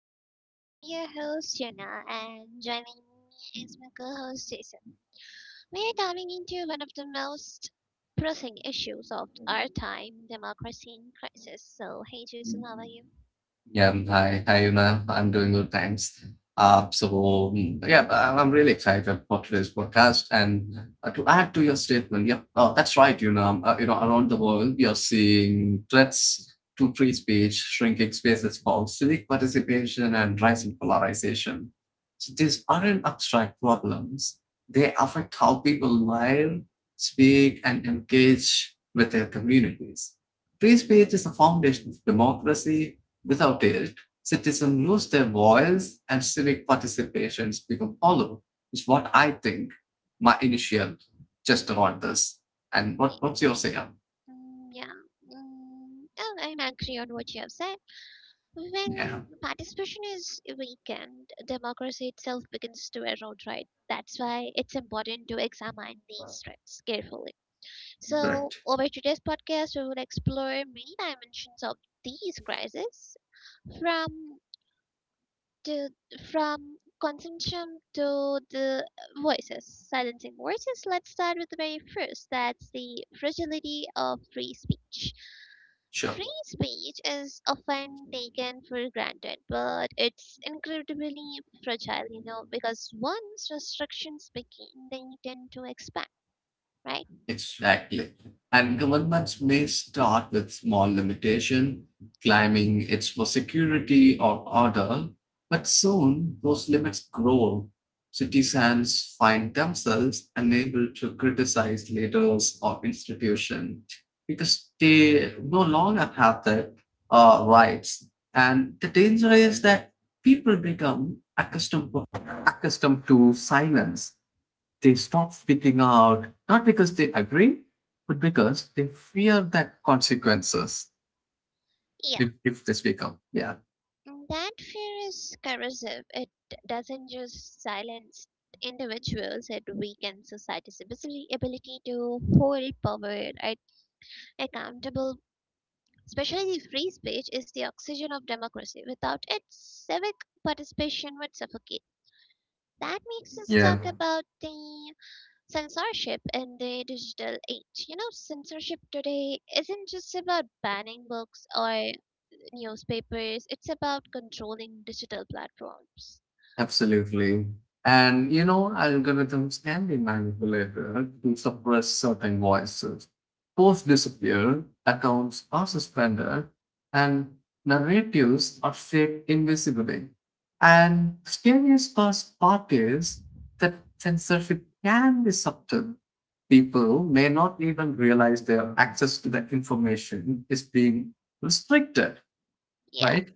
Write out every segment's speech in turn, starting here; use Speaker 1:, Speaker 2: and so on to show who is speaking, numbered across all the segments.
Speaker 1: podcast. I'm your host Yuna, and joining me is my co-host Jason. We are diving into one of the most pressing issues of our time, democracy in crisis. So hey Jason, how are you?
Speaker 2: Yeah, hi, Una. I'm doing good, thanks. So, yeah, I'm really excited for today's podcast. And to add to your statement, yeah, that's right, around the world, we are seeing threats to free speech, shrinking spaces for civic participation, and rising polarization. So these aren't abstract problems. They affect how people live, speak, and engage with their communities. Free speech is the foundation of democracy. Without it, citizens lose their voice and civic participations become hollow, is what I think my initial just about this. And
Speaker 1: Mm,
Speaker 2: what's your say?
Speaker 1: yeah, oh, I'm agree on what you have said.
Speaker 2: Yeah,
Speaker 1: When participation is weakened, democracy itself begins to erode, right? That's why it's important to examine these threats carefully. So,
Speaker 2: correct.
Speaker 1: over today's podcast, we will explore many dimensions of these crises, from to from consumption to the voices, silencing voices. Let's start with the very first. That's the fragility of free speech.
Speaker 2: Sure.
Speaker 1: Free speech is often taken for granted, but it's incredibly fragile. You know, because once restrictions begin, they tend to expand. Right?
Speaker 2: Exactly. And governments may start with small limitation, claiming it's for security or order, but soon those limits grow. Citizens find themselves unable to criticize leaders or institutions because they no longer have the rights. And the danger is that people become accustomed to silence. They stop speaking out, not because they agree, but because they fear that consequences
Speaker 1: Yeah.
Speaker 2: if they speak out. Yeah.
Speaker 1: That fear is corrosive. It doesn't just silence individuals, it weakens society's ability to hold power, right? Accountable. Especially the free speech is the oxygen of democracy. Without it, civic participation would suffocate. That makes us
Speaker 2: Yeah.
Speaker 1: talk about the censorship in the digital age. You know, censorship today isn't just about banning books or newspapers, it's about controlling digital platforms.
Speaker 2: Absolutely. And you know, algorithms can be manipulated to suppress certain voices. Posts disappear, accounts are suspended, and narratives are shaped invisibly. And scariest past part is that censorship can be subtle. People may not even realize their access to that information is being restricted,
Speaker 1: Yeah.
Speaker 2: right?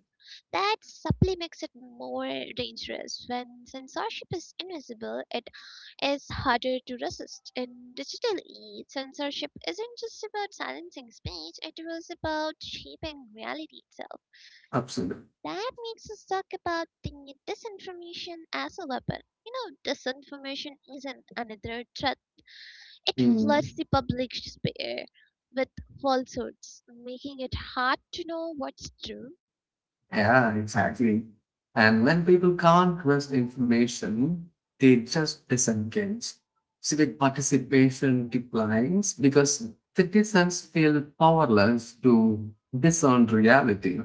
Speaker 1: That subtly makes it more dangerous. When censorship is invisible, it is harder to resist. In digital age, censorship isn't just about silencing speech, it is about shaping reality itself.
Speaker 2: Absolutely.
Speaker 1: That makes us talk about the disinformation as a weapon. You know, disinformation isn't another threat. It
Speaker 2: Hmm.
Speaker 1: floods the public sphere with falsehoods, making it hard to know what's true.
Speaker 2: Yeah, exactly. And when people can't trust information, they just disengage. Civic participation declines because citizens feel powerless to discern reality.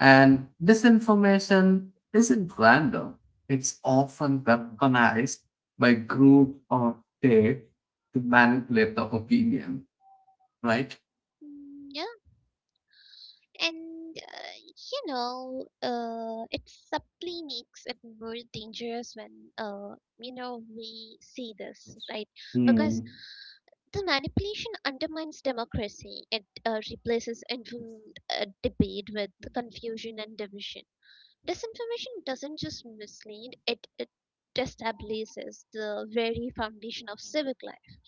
Speaker 2: And disinformation isn't random, it's often weaponized by group or state to manipulate the opinion, right?
Speaker 1: Yeah, and it subtly makes it more dangerous when we see this, right? Because
Speaker 2: Hmm.
Speaker 1: the manipulation undermines democracy. It replaces informed debate with confusion and division. Disinformation doesn't just mislead; it destabilizes the very foundation of civic life.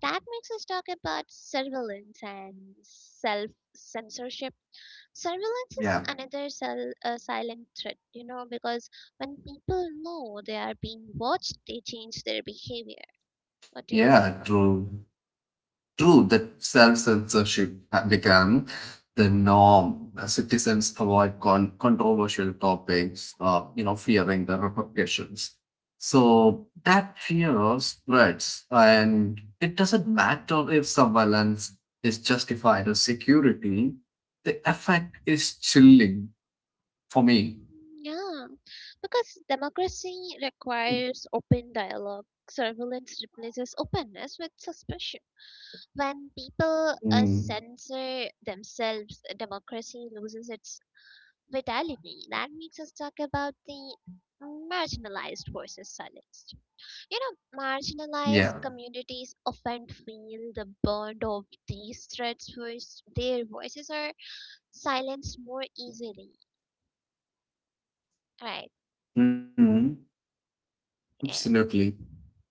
Speaker 1: That makes us talk about surveillance and self censorship. Surveillance is
Speaker 2: Yeah.
Speaker 1: another silent threat, you know, because when people know they are being watched, they change their behavior. What do you think?
Speaker 2: Yeah, true. True that self censorship had become the norm. Citizens avoid controversial topics, fearing the repercussions. So that fear spreads, and it doesn't matter if surveillance is justified or security. The effect is chilling for me.
Speaker 1: Yeah, because democracy requires open dialogue. Surveillance replaces openness with suspicion. When people
Speaker 2: Mm,
Speaker 1: censor themselves, democracy loses its vitality. That makes us talk about the marginalized voices silenced. You know, marginalized communities
Speaker 2: yeah,
Speaker 1: often feel the burden of these threats because their voices are silenced more easily, right?
Speaker 2: Mm,
Speaker 1: Yeah.
Speaker 2: absolutely.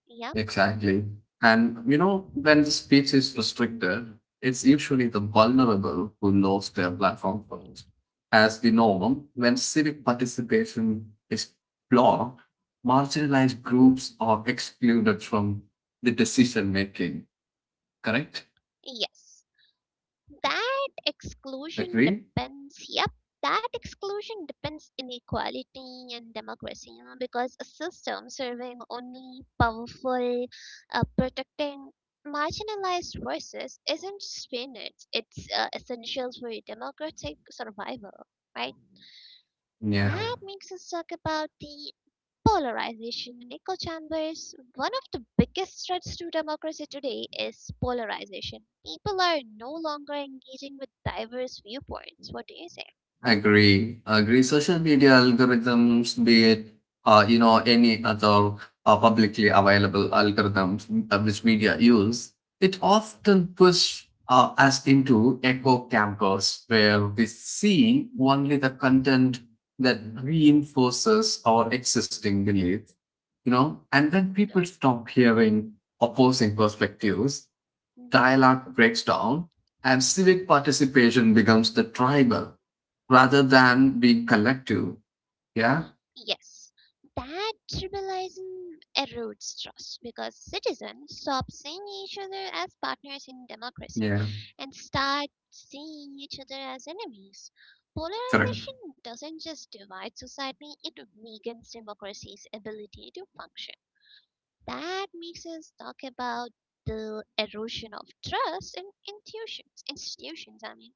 Speaker 1: Yep.
Speaker 2: Exactly. And you know, when the speech is restricted, it's usually the vulnerable who lose their platform first. As we know, when civic participation is blocked, marginalized groups are excluded from the decision making. Correct?
Speaker 1: Yes. That exclusion
Speaker 2: Agree?
Speaker 1: depends, yep, that exclusion depends inequality and democracy, you know, because a system serving only powerful, protecting marginalized voices isn't spinach, it's essential for democratic survival, right?
Speaker 2: Yeah.
Speaker 1: That makes us talk about the polarization in echo chambers. One of the biggest threats to democracy today is polarization. People are no longer engaging with diverse viewpoints. What do you say?
Speaker 2: Agree, agree. Social media algorithms, be it any other publicly available algorithms which media use, it often push us into echo chambers where we see only the content that reinforces our existing belief. And then people
Speaker 1: No.
Speaker 2: stop hearing opposing perspectives.
Speaker 1: Mhm.
Speaker 2: Dialogue breaks down and civic participation becomes the tribal rather than being collective. Yeah?
Speaker 1: Yes, that tribalism erodes trust because citizens stop seeing each other as partners in democracy
Speaker 2: Yeah.
Speaker 1: and start seeing each other as enemies.
Speaker 2: Correct.
Speaker 1: Polarization doesn't just divide society, it weakens democracy's ability to function. That makes us talk about the erosion of trust in institutions, institutions, I mean.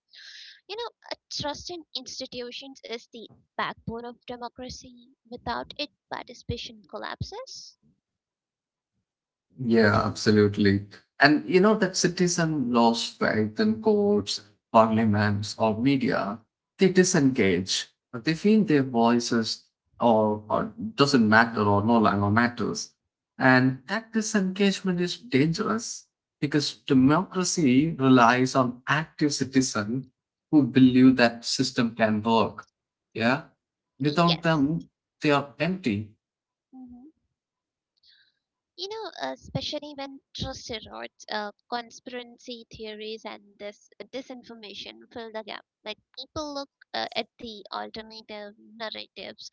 Speaker 1: You know, a trust in institutions is the backbone of democracy. Without it, participation collapses. What
Speaker 2: Yeah,
Speaker 1: do you?
Speaker 2: absolutely. And you know that citizen lost faith in courts, parliaments, or media. They disengage. They feel their voices or doesn't matter or no longer matters. And that disengagement is dangerous because democracy relies on active citizens who believe that system can work. Yeah. Without
Speaker 1: Yes.
Speaker 2: them, they are empty.
Speaker 1: Hmm. You know, especially when trust erodes, conspiracy theories and this disinformation fill the gap. Like people look at the alternative narratives,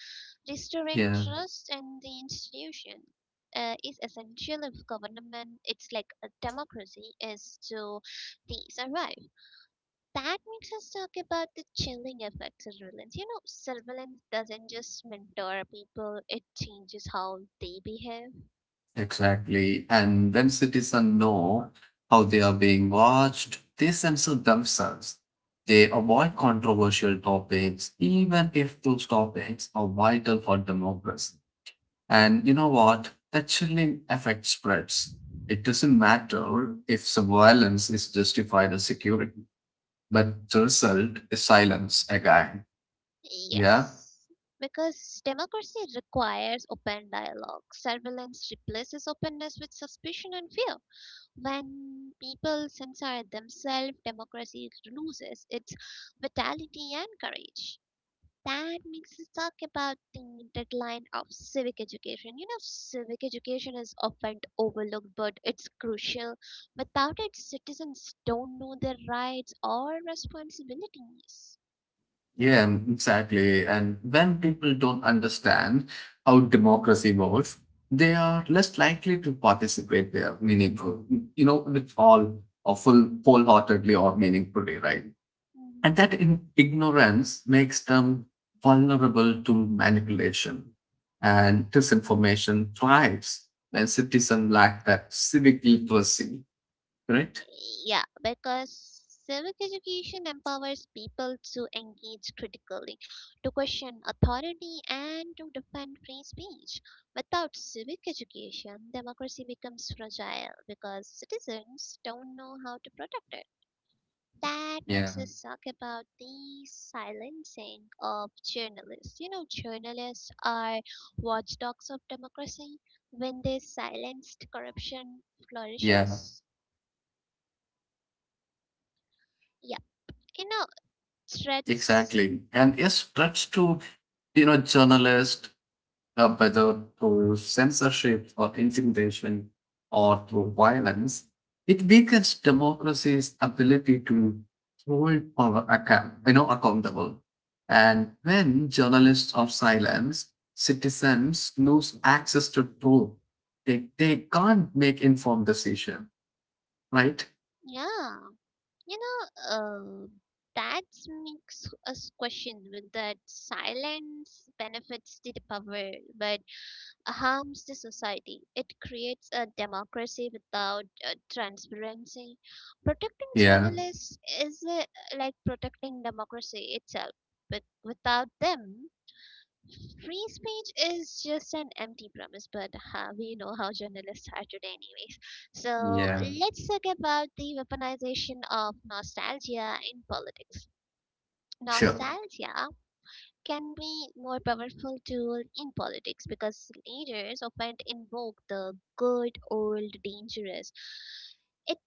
Speaker 1: restoring
Speaker 2: Yeah.
Speaker 1: trust in the institution. Is essential if government, it's like a democracy, is to the survive. That makes us talk about the chilling effects of surveillance. You know, surveillance doesn't just mentor people, it changes how they behave.
Speaker 2: Exactly. And when citizens know how they are being watched, they censor themselves. They avoid controversial topics, even if those topics are vital for democracy. And you know what? That chilling effect spreads. It doesn't matter if surveillance is justified as security, but the result is silence again. Yeah.
Speaker 1: Yes. Because democracy requires open dialogue. Surveillance replaces openness with suspicion and fear. When people censor themselves, democracy loses its vitality and courage. That makes us talk about the decline of civic education. You know, civic education is often overlooked, but it's crucial. Without it, citizens don't know their rights or responsibilities.
Speaker 2: Yeah, exactly. And when people don't understand how democracy works, they are less likely to participate there meaningful, with all or full wholeheartedly or meaningfully, right? And that
Speaker 1: Mm-hmm.
Speaker 2: ignorance makes them vulnerable to manipulation and disinformation thrives when citizens lack that civic literacy, right?
Speaker 1: Yeah, because civic education empowers people to engage critically, to question authority, and to defend free speech. Without civic education, democracy becomes fragile because citizens don't know how to protect it. That makes
Speaker 2: Yeah,
Speaker 1: us talk about the silencing of journalists. You know, journalists are watchdogs of democracy. When they silenced, corruption
Speaker 2: yeah,
Speaker 1: flourishes. Yeah, you know,
Speaker 2: exactly. And it
Speaker 1: threats.
Speaker 2: spreads to journalists, whether through censorship or intimidation or through violence, it weakens democracy's ability to hold power account, accountable. And when journalists are silenced, citizens lose access to truth. They can't make informed decision, right?
Speaker 1: Yeah, you know, uh, that makes us question with that silence benefits to the power but harms the society. It creates a democracy without transparency. Protecting
Speaker 2: Yeah,
Speaker 1: journalists is like protecting democracy itself. But without them, free speech is just an empty promise, but we know how journalists are today, anyways. So
Speaker 2: yeah.
Speaker 1: let's talk about the weaponization of nostalgia in politics.
Speaker 2: Sure.
Speaker 1: Nostalgia can be more powerful tool in politics because leaders often invoke the good old dangerous. It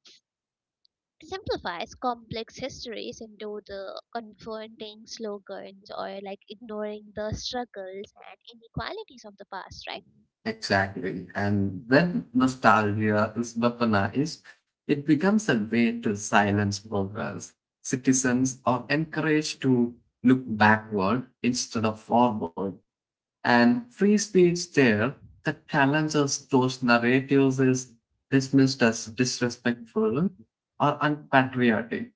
Speaker 1: simplifies complex histories into the confronting slogans or like ignoring the struggles and inequalities of the past, right?
Speaker 2: Exactly. And when nostalgia is weaponized, it becomes a way to silence progress. Citizens are encouraged to look backward instead of forward. And free speech there that challenges those narratives is dismissed as disrespectful or unpatriotic.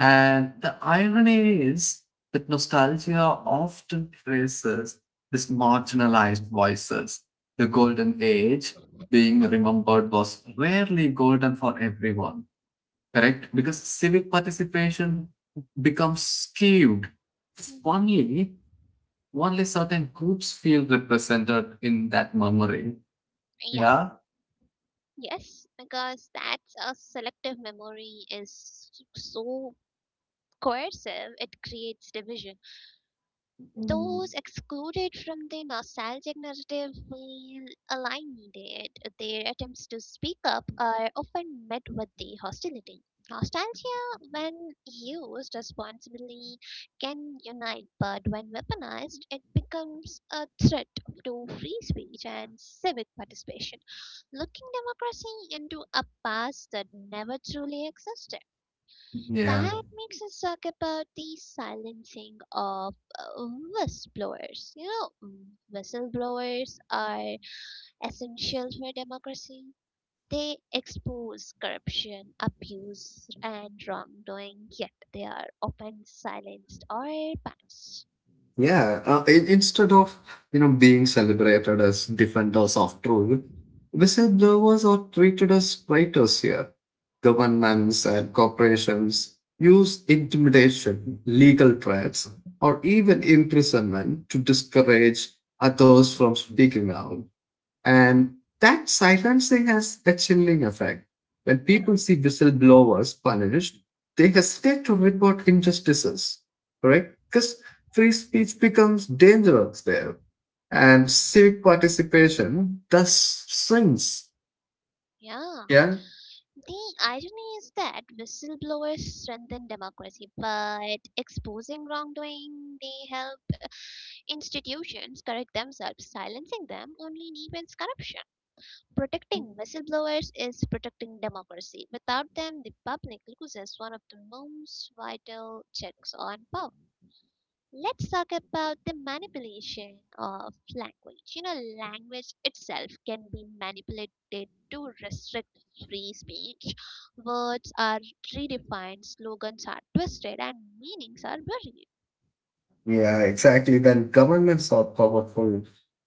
Speaker 2: And the irony is that nostalgia often traces these marginalized voices. The golden age being remembered was rarely golden for everyone, correct? Because civic participation becomes skewed.
Speaker 1: Hmm.
Speaker 2: Funny, only certain groups feel represented in that memory.
Speaker 1: Yeah,
Speaker 2: Yeah.
Speaker 1: yes, because that's a selective memory is so coercive, it creates division.
Speaker 2: Mm,
Speaker 1: Those excluded from the nostalgic narrative feel alienated. Their attempts to speak up are often met with the hostility. Nostalgia, when used responsibly, can unite, but when weaponized, it becomes a threat to free speech and civic participation, looking democracy into a past that never truly existed.
Speaker 2: Yeah.
Speaker 1: That makes us talk about the silencing of whistleblowers. You know, whistleblowers are essential for democracy. They expose corruption, abuse, and wrongdoing, yet they are often silenced or punished.
Speaker 2: Yeah, instead of being celebrated as defenders of truth, whistleblowers are treated as traitors here. Governments and corporations use intimidation, legal threats, or even imprisonment to discourage others from speaking out. And that silencing has a chilling effect. When
Speaker 1: Yeah.
Speaker 2: people see whistleblowers punished, they hesitate to report injustices, correct? Because free speech becomes dangerous there, and civic participation thus shrinks.
Speaker 1: Yeah,
Speaker 2: Yeah,
Speaker 1: the irony is that whistleblowers strengthen democracy, but exposing wrongdoing, they help institutions correct themselves. Silencing them only deepens corruption. Protecting whistleblowers is protecting democracy. Without them, the public loses one of the most vital checks on power. Let's talk about the manipulation of language. You know, language itself can be manipulated to restrict free speech. Words are redefined, slogans are twisted, and meanings are buried.
Speaker 2: yeah, exactly. When governments or powerful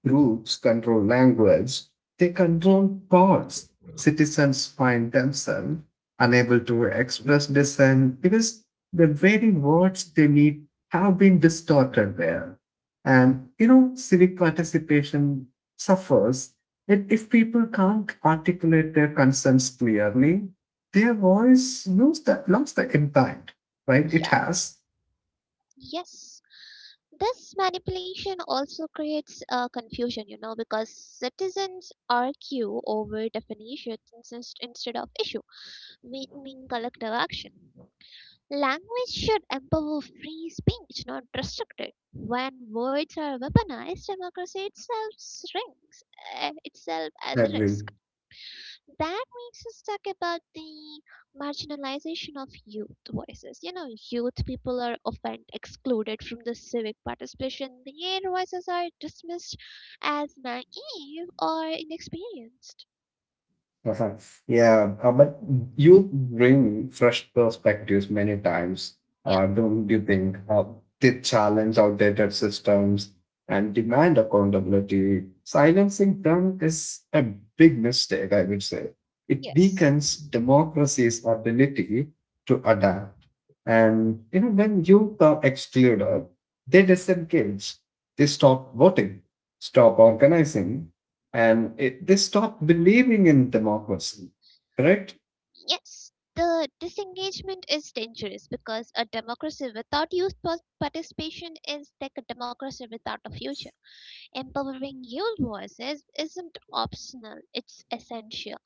Speaker 2: groups control language, they control thoughts. Citizens find themselves unable to express dissent because the very words they need have been distorted there. And, civic participation suffers. If people can't articulate their concerns clearly, their voice lost the impact, right? It
Speaker 1: Yeah,
Speaker 2: has.
Speaker 1: yes. This manipulation also creates confusion, you know, because citizens argue over definitions instead of issue, weakening collective action. Language should empower free speech, not restrict it. When words are weaponized, democracy itself shrinks, itself as a
Speaker 2: Agree.
Speaker 1: risk. That makes us talk about the marginalization of youth voices. You know, youth people are often excluded from the civic participation. Their voices are dismissed as naive or inexperienced.
Speaker 2: Uh-huh. Yeah, but you bring fresh perspectives many times.
Speaker 1: Yeah.
Speaker 2: Don't you think? They challenge outdated systems and demand accountability. Silencing them is a big mistake, I would say. It
Speaker 1: Yes.
Speaker 2: weakens democracy's ability to adapt. And when you are excluded, they disengage. They stop voting, stop organizing, and they stopped believing in democracy, correct?
Speaker 1: Yes, the disengagement is dangerous because a democracy without youth participation is like a democracy without a future. Empowering your voices isn't optional, it's essential.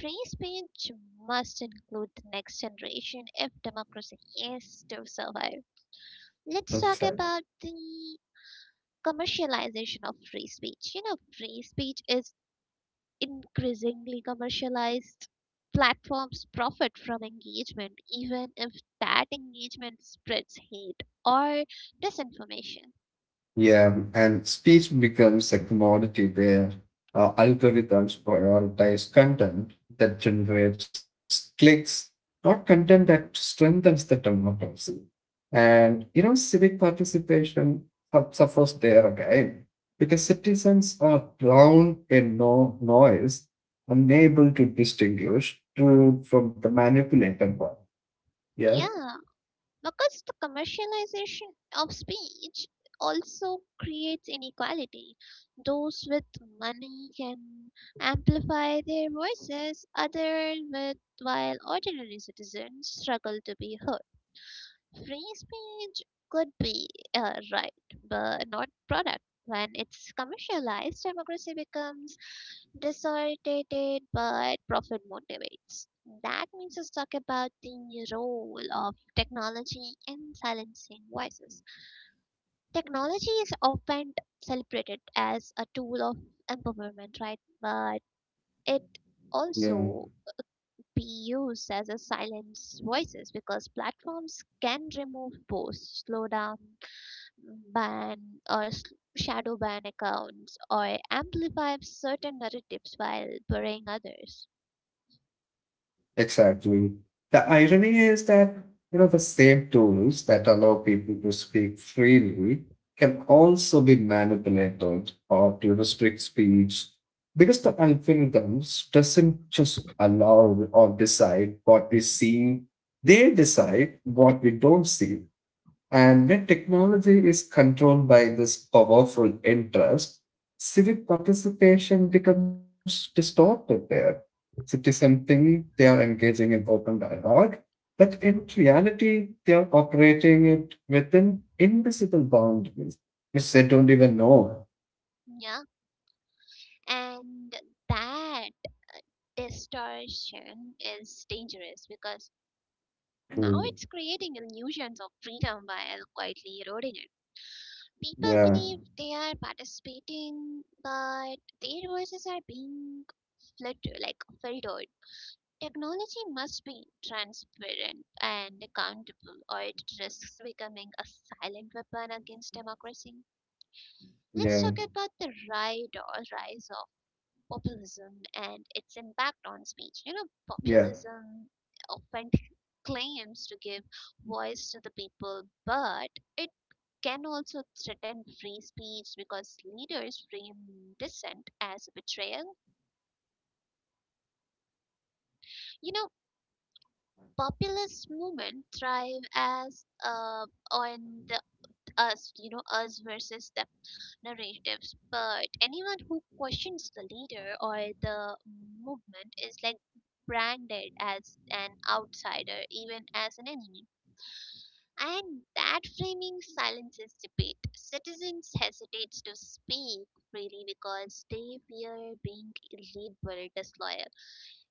Speaker 1: Free speech must include the next generation if democracy is to survive. Let's talk
Speaker 2: Okay.
Speaker 1: about the commercialization of free speech. You know, free speech is increasingly commercialized. Platforms profit from engagement, even if that engagement spreads hate or disinformation.
Speaker 2: Yeah, and speech becomes a commodity where algorithms prioritize content that generates clicks, not content that strengthens the democracy. And civic participation suffers there again because citizens are drowned in no noise, unable to distinguish truth from the manipulated one. Yeah.
Speaker 1: Yeah, because the commercialization of speech also creates inequality. Those with money can amplify their voices, other with while ordinary citizens struggle to be heard. Free speech could be a right, but not product. When it's commercialized, democracy becomes disorientated but profit motivates. That means us talk about the role of technology in silencing voices. Technology is often celebrated as a tool of empowerment, right? But it
Speaker 2: Yeah,
Speaker 1: also be used as a silence voices because platforms can remove posts, slow down, ban or shadow ban accounts, or amplify certain narratives while burying others.
Speaker 2: exactly. The irony is that, the same tools that allow people to speak freely can also be manipulated or to restrict speech because the algorithms doesn't just allow or decide what we see, they decide what we don't see. And when technology is controlled by this powerful interest, civic participation becomes distorted there. Citizens think they are engaging in open dialogue, but in reality, they are operating it within invisible boundaries, which they don't even know.
Speaker 1: Yeah, and that distortion is dangerous because now it's
Speaker 2: Mm.
Speaker 1: creating illusions of freedom while quietly eroding it. People
Speaker 2: Yeah,
Speaker 1: believe they are participating, but their voices are being filtered, like filtered. Technology must be transparent and accountable, or it risks becoming a silent weapon against democracy. Let's talk
Speaker 2: yeah,
Speaker 1: about the rise populism and its impact on speech. You know,
Speaker 2: yeah,
Speaker 1: populism often claims to give voice to the people, but it can also threaten free speech because leaders frame dissent as a betrayal. You know, populist movement thrive as on the us, you know, us versus them narratives, but anyone who questions the leader or the movement is like branded as an outsider, even as an enemy. And that framing silences debate. Citizens hesitate to speak freely because they fear being labeled disloyal.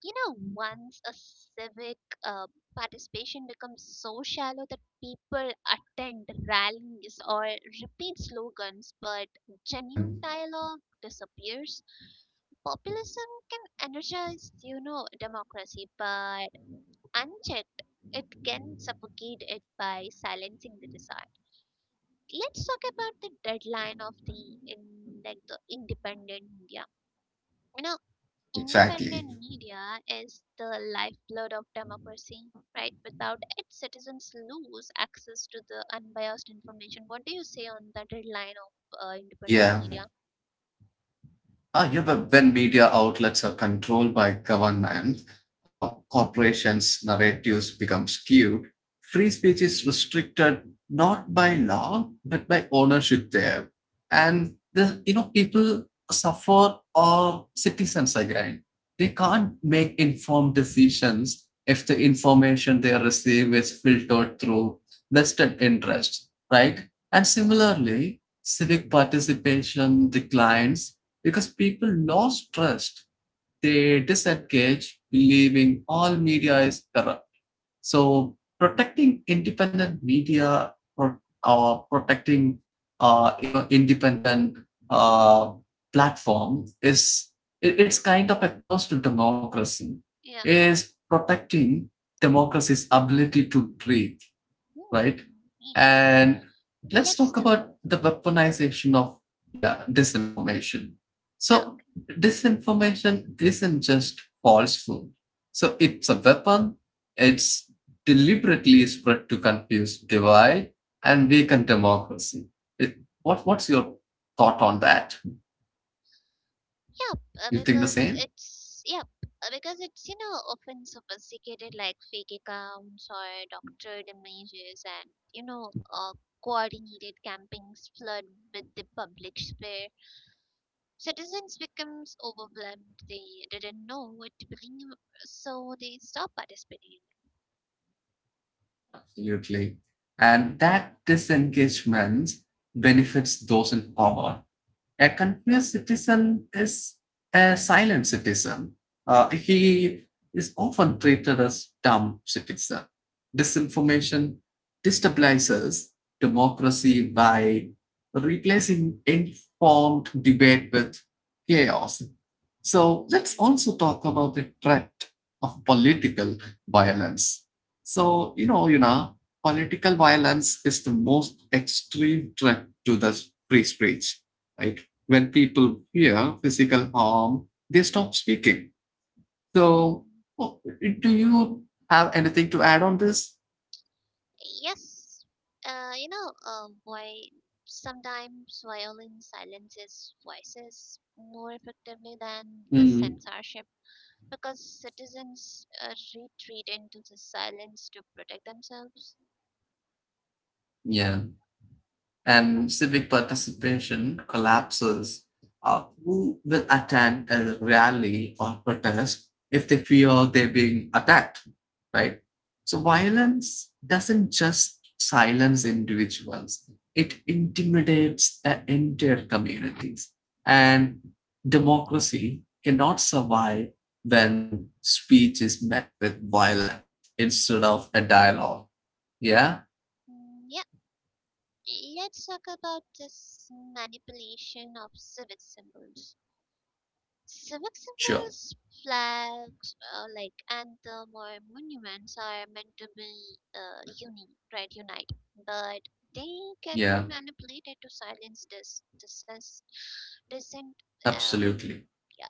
Speaker 1: You know, once a civic uh, participation becomes so shallow that people attend rallies or repeat slogans, but genuine
Speaker 2: yeah.
Speaker 1: dialogue disappears. Populism can energize, you know, democracy, but unchecked, it can suffocate it by silencing the desire. Let's talk about the deadline of the in, like the independent India. You know, independent
Speaker 2: Exactly.
Speaker 1: media is the lifeblood of democracy, right? Without it, citizens lose access to the unbiased information. What do you say on that line of independent
Speaker 2: Yeah.
Speaker 1: media?
Speaker 2: Ah, yeah, but when media outlets are controlled by governments or corporations, narratives become skewed. Free speech is restricted not by law but by ownership there, and the people suffer or citizens again. They can't make informed decisions if the information they receive is filtered through vested interests, right? And
Speaker 1: Hmm.
Speaker 2: similarly, civic participation declines because people lost trust. They disengage, believing all media is corrupt. So protecting independent media or protecting independent uh, platform is it's kind of a curse to democracy.
Speaker 1: Yeah.
Speaker 2: Is protecting democracy's ability to breathe,
Speaker 1: Hmm.
Speaker 2: right?
Speaker 1: Yes.
Speaker 2: And let's
Speaker 1: Let's
Speaker 2: talk
Speaker 1: talk.
Speaker 2: about the weaponization of yeah disinformation.
Speaker 1: Okay.
Speaker 2: So disinformation isn't just falsehood. So it's a weapon. It's deliberately spread to confuse, divide, and weaken democracy. It, what what's your thought on that?
Speaker 1: Yep.
Speaker 2: You think the
Speaker 1: Because
Speaker 2: same?
Speaker 1: it's yep. Because it's, you know, often sophisticated like fake accounts or doctored images, and you know, coordinated campaigns flood with the public sphere. Citizens becomes overwhelmed. They didn't know what to believe, so they stop participating.
Speaker 2: Absolutely. And that disengagement benefits those in power. A confused citizen is a silent citizen. He is often treated as dumb citizen. Disinformation destabilizes democracy by replacing informed debate with chaos. So let's
Speaker 1: Mm,
Speaker 2: also talk about the threat of political violence. So, political violence is the most extreme threat to the free speech, right? When people hear physical harm, they stop speaking.
Speaker 1: mm.
Speaker 2: So, oh, do you have anything to add on this?
Speaker 1: Yes, why sometimes violence silences voices more effectively than the
Speaker 2: Mm,
Speaker 1: censorship, because citizens retreat into the silence to protect themselves.
Speaker 2: yeah. And civic participation collapses. Who will attend a rally or protest if they feel they're being attacked, right? So violence doesn't just silence individuals, it intimidates the entire communities. And democracy cannot survive when speech is met with violence instead of a dialogue. Yeah,
Speaker 1: Yeah, let's talk about this manipulation of civic symbols. Civic
Speaker 2: sure.
Speaker 1: symbols, flags, like anthem or monuments are meant to be right, unite, but they can
Speaker 2: Yeah,
Speaker 1: be manipulated to silence this dissent. Uh,
Speaker 2: absolutely.
Speaker 1: yeah.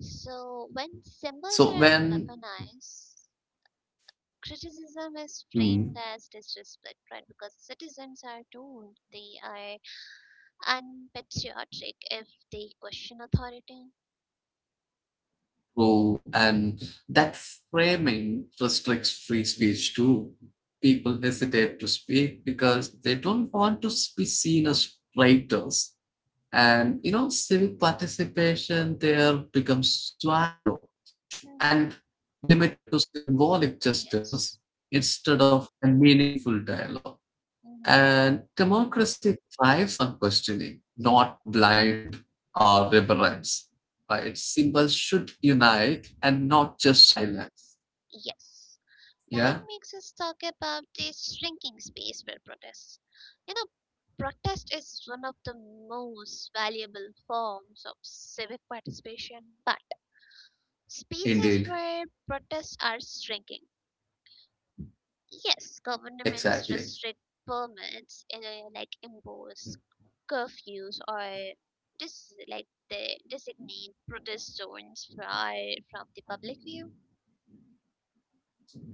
Speaker 1: So when symbols
Speaker 2: So
Speaker 1: are
Speaker 2: when
Speaker 1: weaponized, criticism is framed
Speaker 2: mm,
Speaker 1: as disrespect, right? Because citizens are told they are unpatriotic if they question authority.
Speaker 2: oh, and that framing restricts free speech too. People hesitate to speak because they don't want to be seen as traitors. And you know, civic participation there becomes shallow
Speaker 1: Hmm.
Speaker 2: and limited to symbolic gestures
Speaker 1: Yes.
Speaker 2: instead of a meaningful dialogue.
Speaker 1: Mm-hmm.
Speaker 2: And democracy thrives on questioning, not blind or reverence. Right? Symbols should unite and not just silence.
Speaker 1: Yes,
Speaker 2: Yeah,
Speaker 1: that makes us talk about this shrinking space for protest. You know, protest is one of the most valuable forms of civic participation, but spaces
Speaker 2: indeed,
Speaker 1: where protests are shrinking. Yes, governments
Speaker 2: exactly.
Speaker 1: restrict permits, you know, like impose curfews or like they designate protest zones for, from the public view.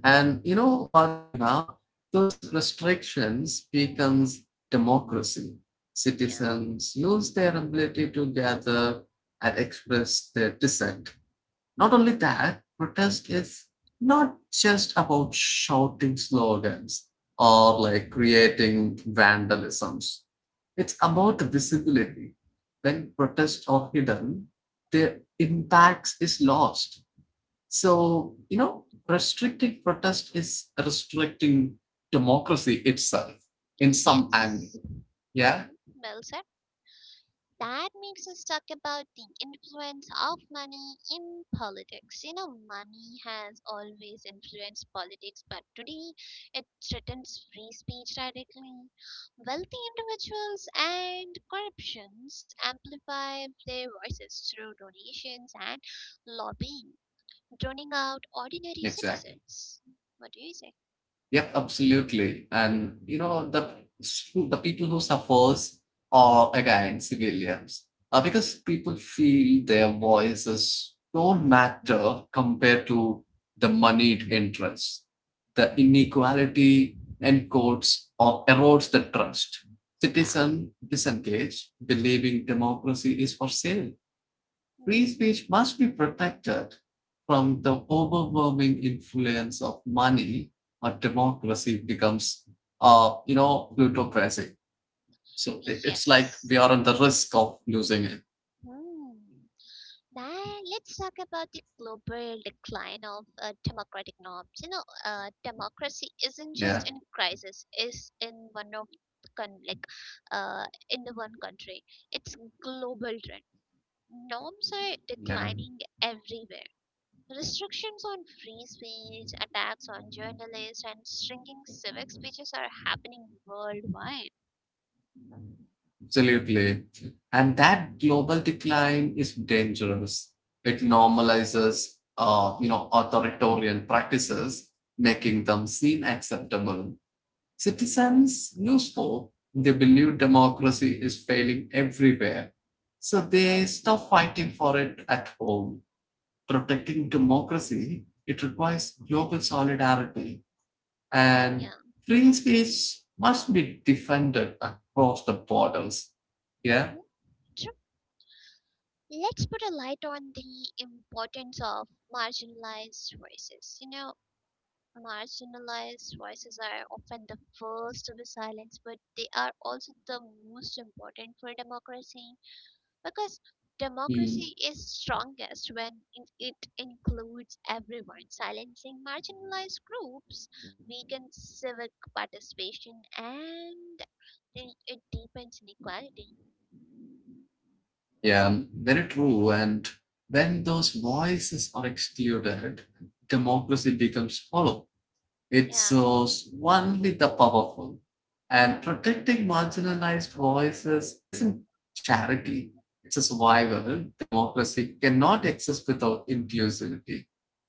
Speaker 2: And those restrictions
Speaker 1: Hmm.
Speaker 2: becomes democracy.
Speaker 1: Yeah.
Speaker 2: Citizens lose their ability to gather and express their dissent. Not only that, protest is not just about shouting slogans or like creating vandalisms. It's about the visibility. When protests are hidden, their impact is lost. So, restricting protest is restricting democracy itself in some
Speaker 1: Yes.
Speaker 2: angle. Yeah,
Speaker 1: Mhm, well said. That makes us talk about the influence of money in politics. You know, money has always influenced politics, but today it threatens free speech directly. Wealthy individuals and corruptions amplify their voices through donations and lobbying, drowning out ordinary
Speaker 2: exactly.
Speaker 1: citizens. What do you say?
Speaker 2: Yep, absolutely. And the people who suffers are again civilians, because people feel their voices don't matter compared to the moneyed interests. The inequality encodes or erodes the trust.
Speaker 1: Yeah.
Speaker 2: Citizen disengage, believing democracy is for sale. Free
Speaker 1: Hmm.
Speaker 2: speech must be protected from the overwhelming influence of money or democracy becomes plutocracy. So it's like
Speaker 1: Yes.
Speaker 2: we are on the risk of losing it.
Speaker 1: Hmm. Then let's talk about the global decline of democratic norms. You know, democracy isn't
Speaker 2: Yeah,
Speaker 1: just in crisis; is in one of like uh, in the one country. It's global trend. Norms are
Speaker 2: yeah.
Speaker 1: declining everywhere. Restrictions on free speech, attacks on journalists, and shrinking civic speeches are happening worldwide.
Speaker 2: Absolutely. And that global decline is dangerous. It normalizes, authoritarian practices, making them seem acceptable. Citizens lose hope. They believe democracy is failing everywhere. So they stop fighting for it at home. Protecting democracy, it requires global solidarity
Speaker 1: Yeah.
Speaker 2: and free speech must be defended across the borders.
Speaker 1: Mhm.
Speaker 2: Yeah.
Speaker 1: Let's put a light on the importance of marginalized voices. You know, marginalized voices are often the first to be silenced, but they are also the most important for democracy because democracy
Speaker 2: Mm.
Speaker 1: is strongest when it includes everyone. Silencing marginalized groups weakens civic participation and it deepens inequality.
Speaker 2: Yeah, very true. And when those voices are excluded, democracy becomes hollow. It
Speaker 1: Yeah,
Speaker 2: serves only the powerful. And protecting marginalized voices isn't charity, it's a survival. Democracy cannot exist without inclusivity.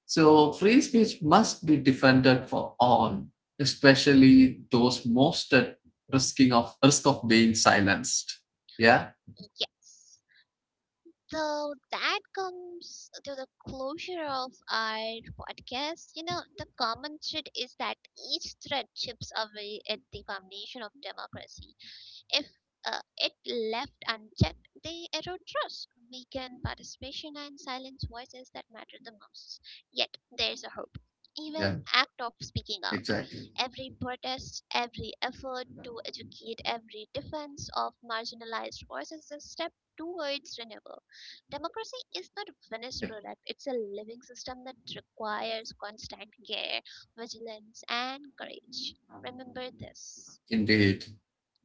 Speaker 2: So, free speech must be defended for all, especially those most at risk of being silenced. Yeah,
Speaker 1: yes. So that comes to the closure of our podcast. You know, the common thread is that each thread chips away at the foundation of democracy. If it left unchecked, they erode trust, weaken participation, and silence voices that matter the most. Yet there's a hope.
Speaker 2: yeah,
Speaker 1: Even act of speaking out,
Speaker 2: exactly.
Speaker 1: every protest, every effort to educate, every defense of marginalized voices is a step towards renewal. Democracy is not a finished
Speaker 2: Yeah.
Speaker 1: product; it's a living system that requires constant care, vigilance, and courage. Remember this.
Speaker 2: Indeed.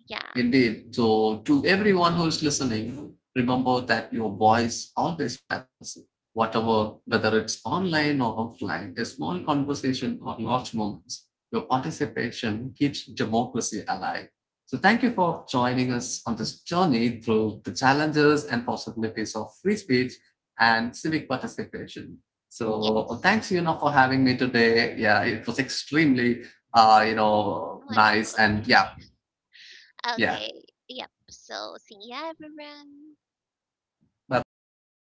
Speaker 1: Yeah.
Speaker 2: Indeed. So, to everyone who's listening, remember that your voice always matters. Whether it's online or offline, a small conversation or large moments, your participation keeps democracy alive. So, thank you for joining us on this journey through the challenges and possibilities of free speech and civic participation. So,
Speaker 1: Yes.
Speaker 2: thanks, for having me today. Yeah, it was extremely,
Speaker 1: Wonderful.
Speaker 2: nice and yeah,
Speaker 1: Okay.
Speaker 2: yeah.
Speaker 1: Yep. So see ya, everyone.
Speaker 2: 拜拜。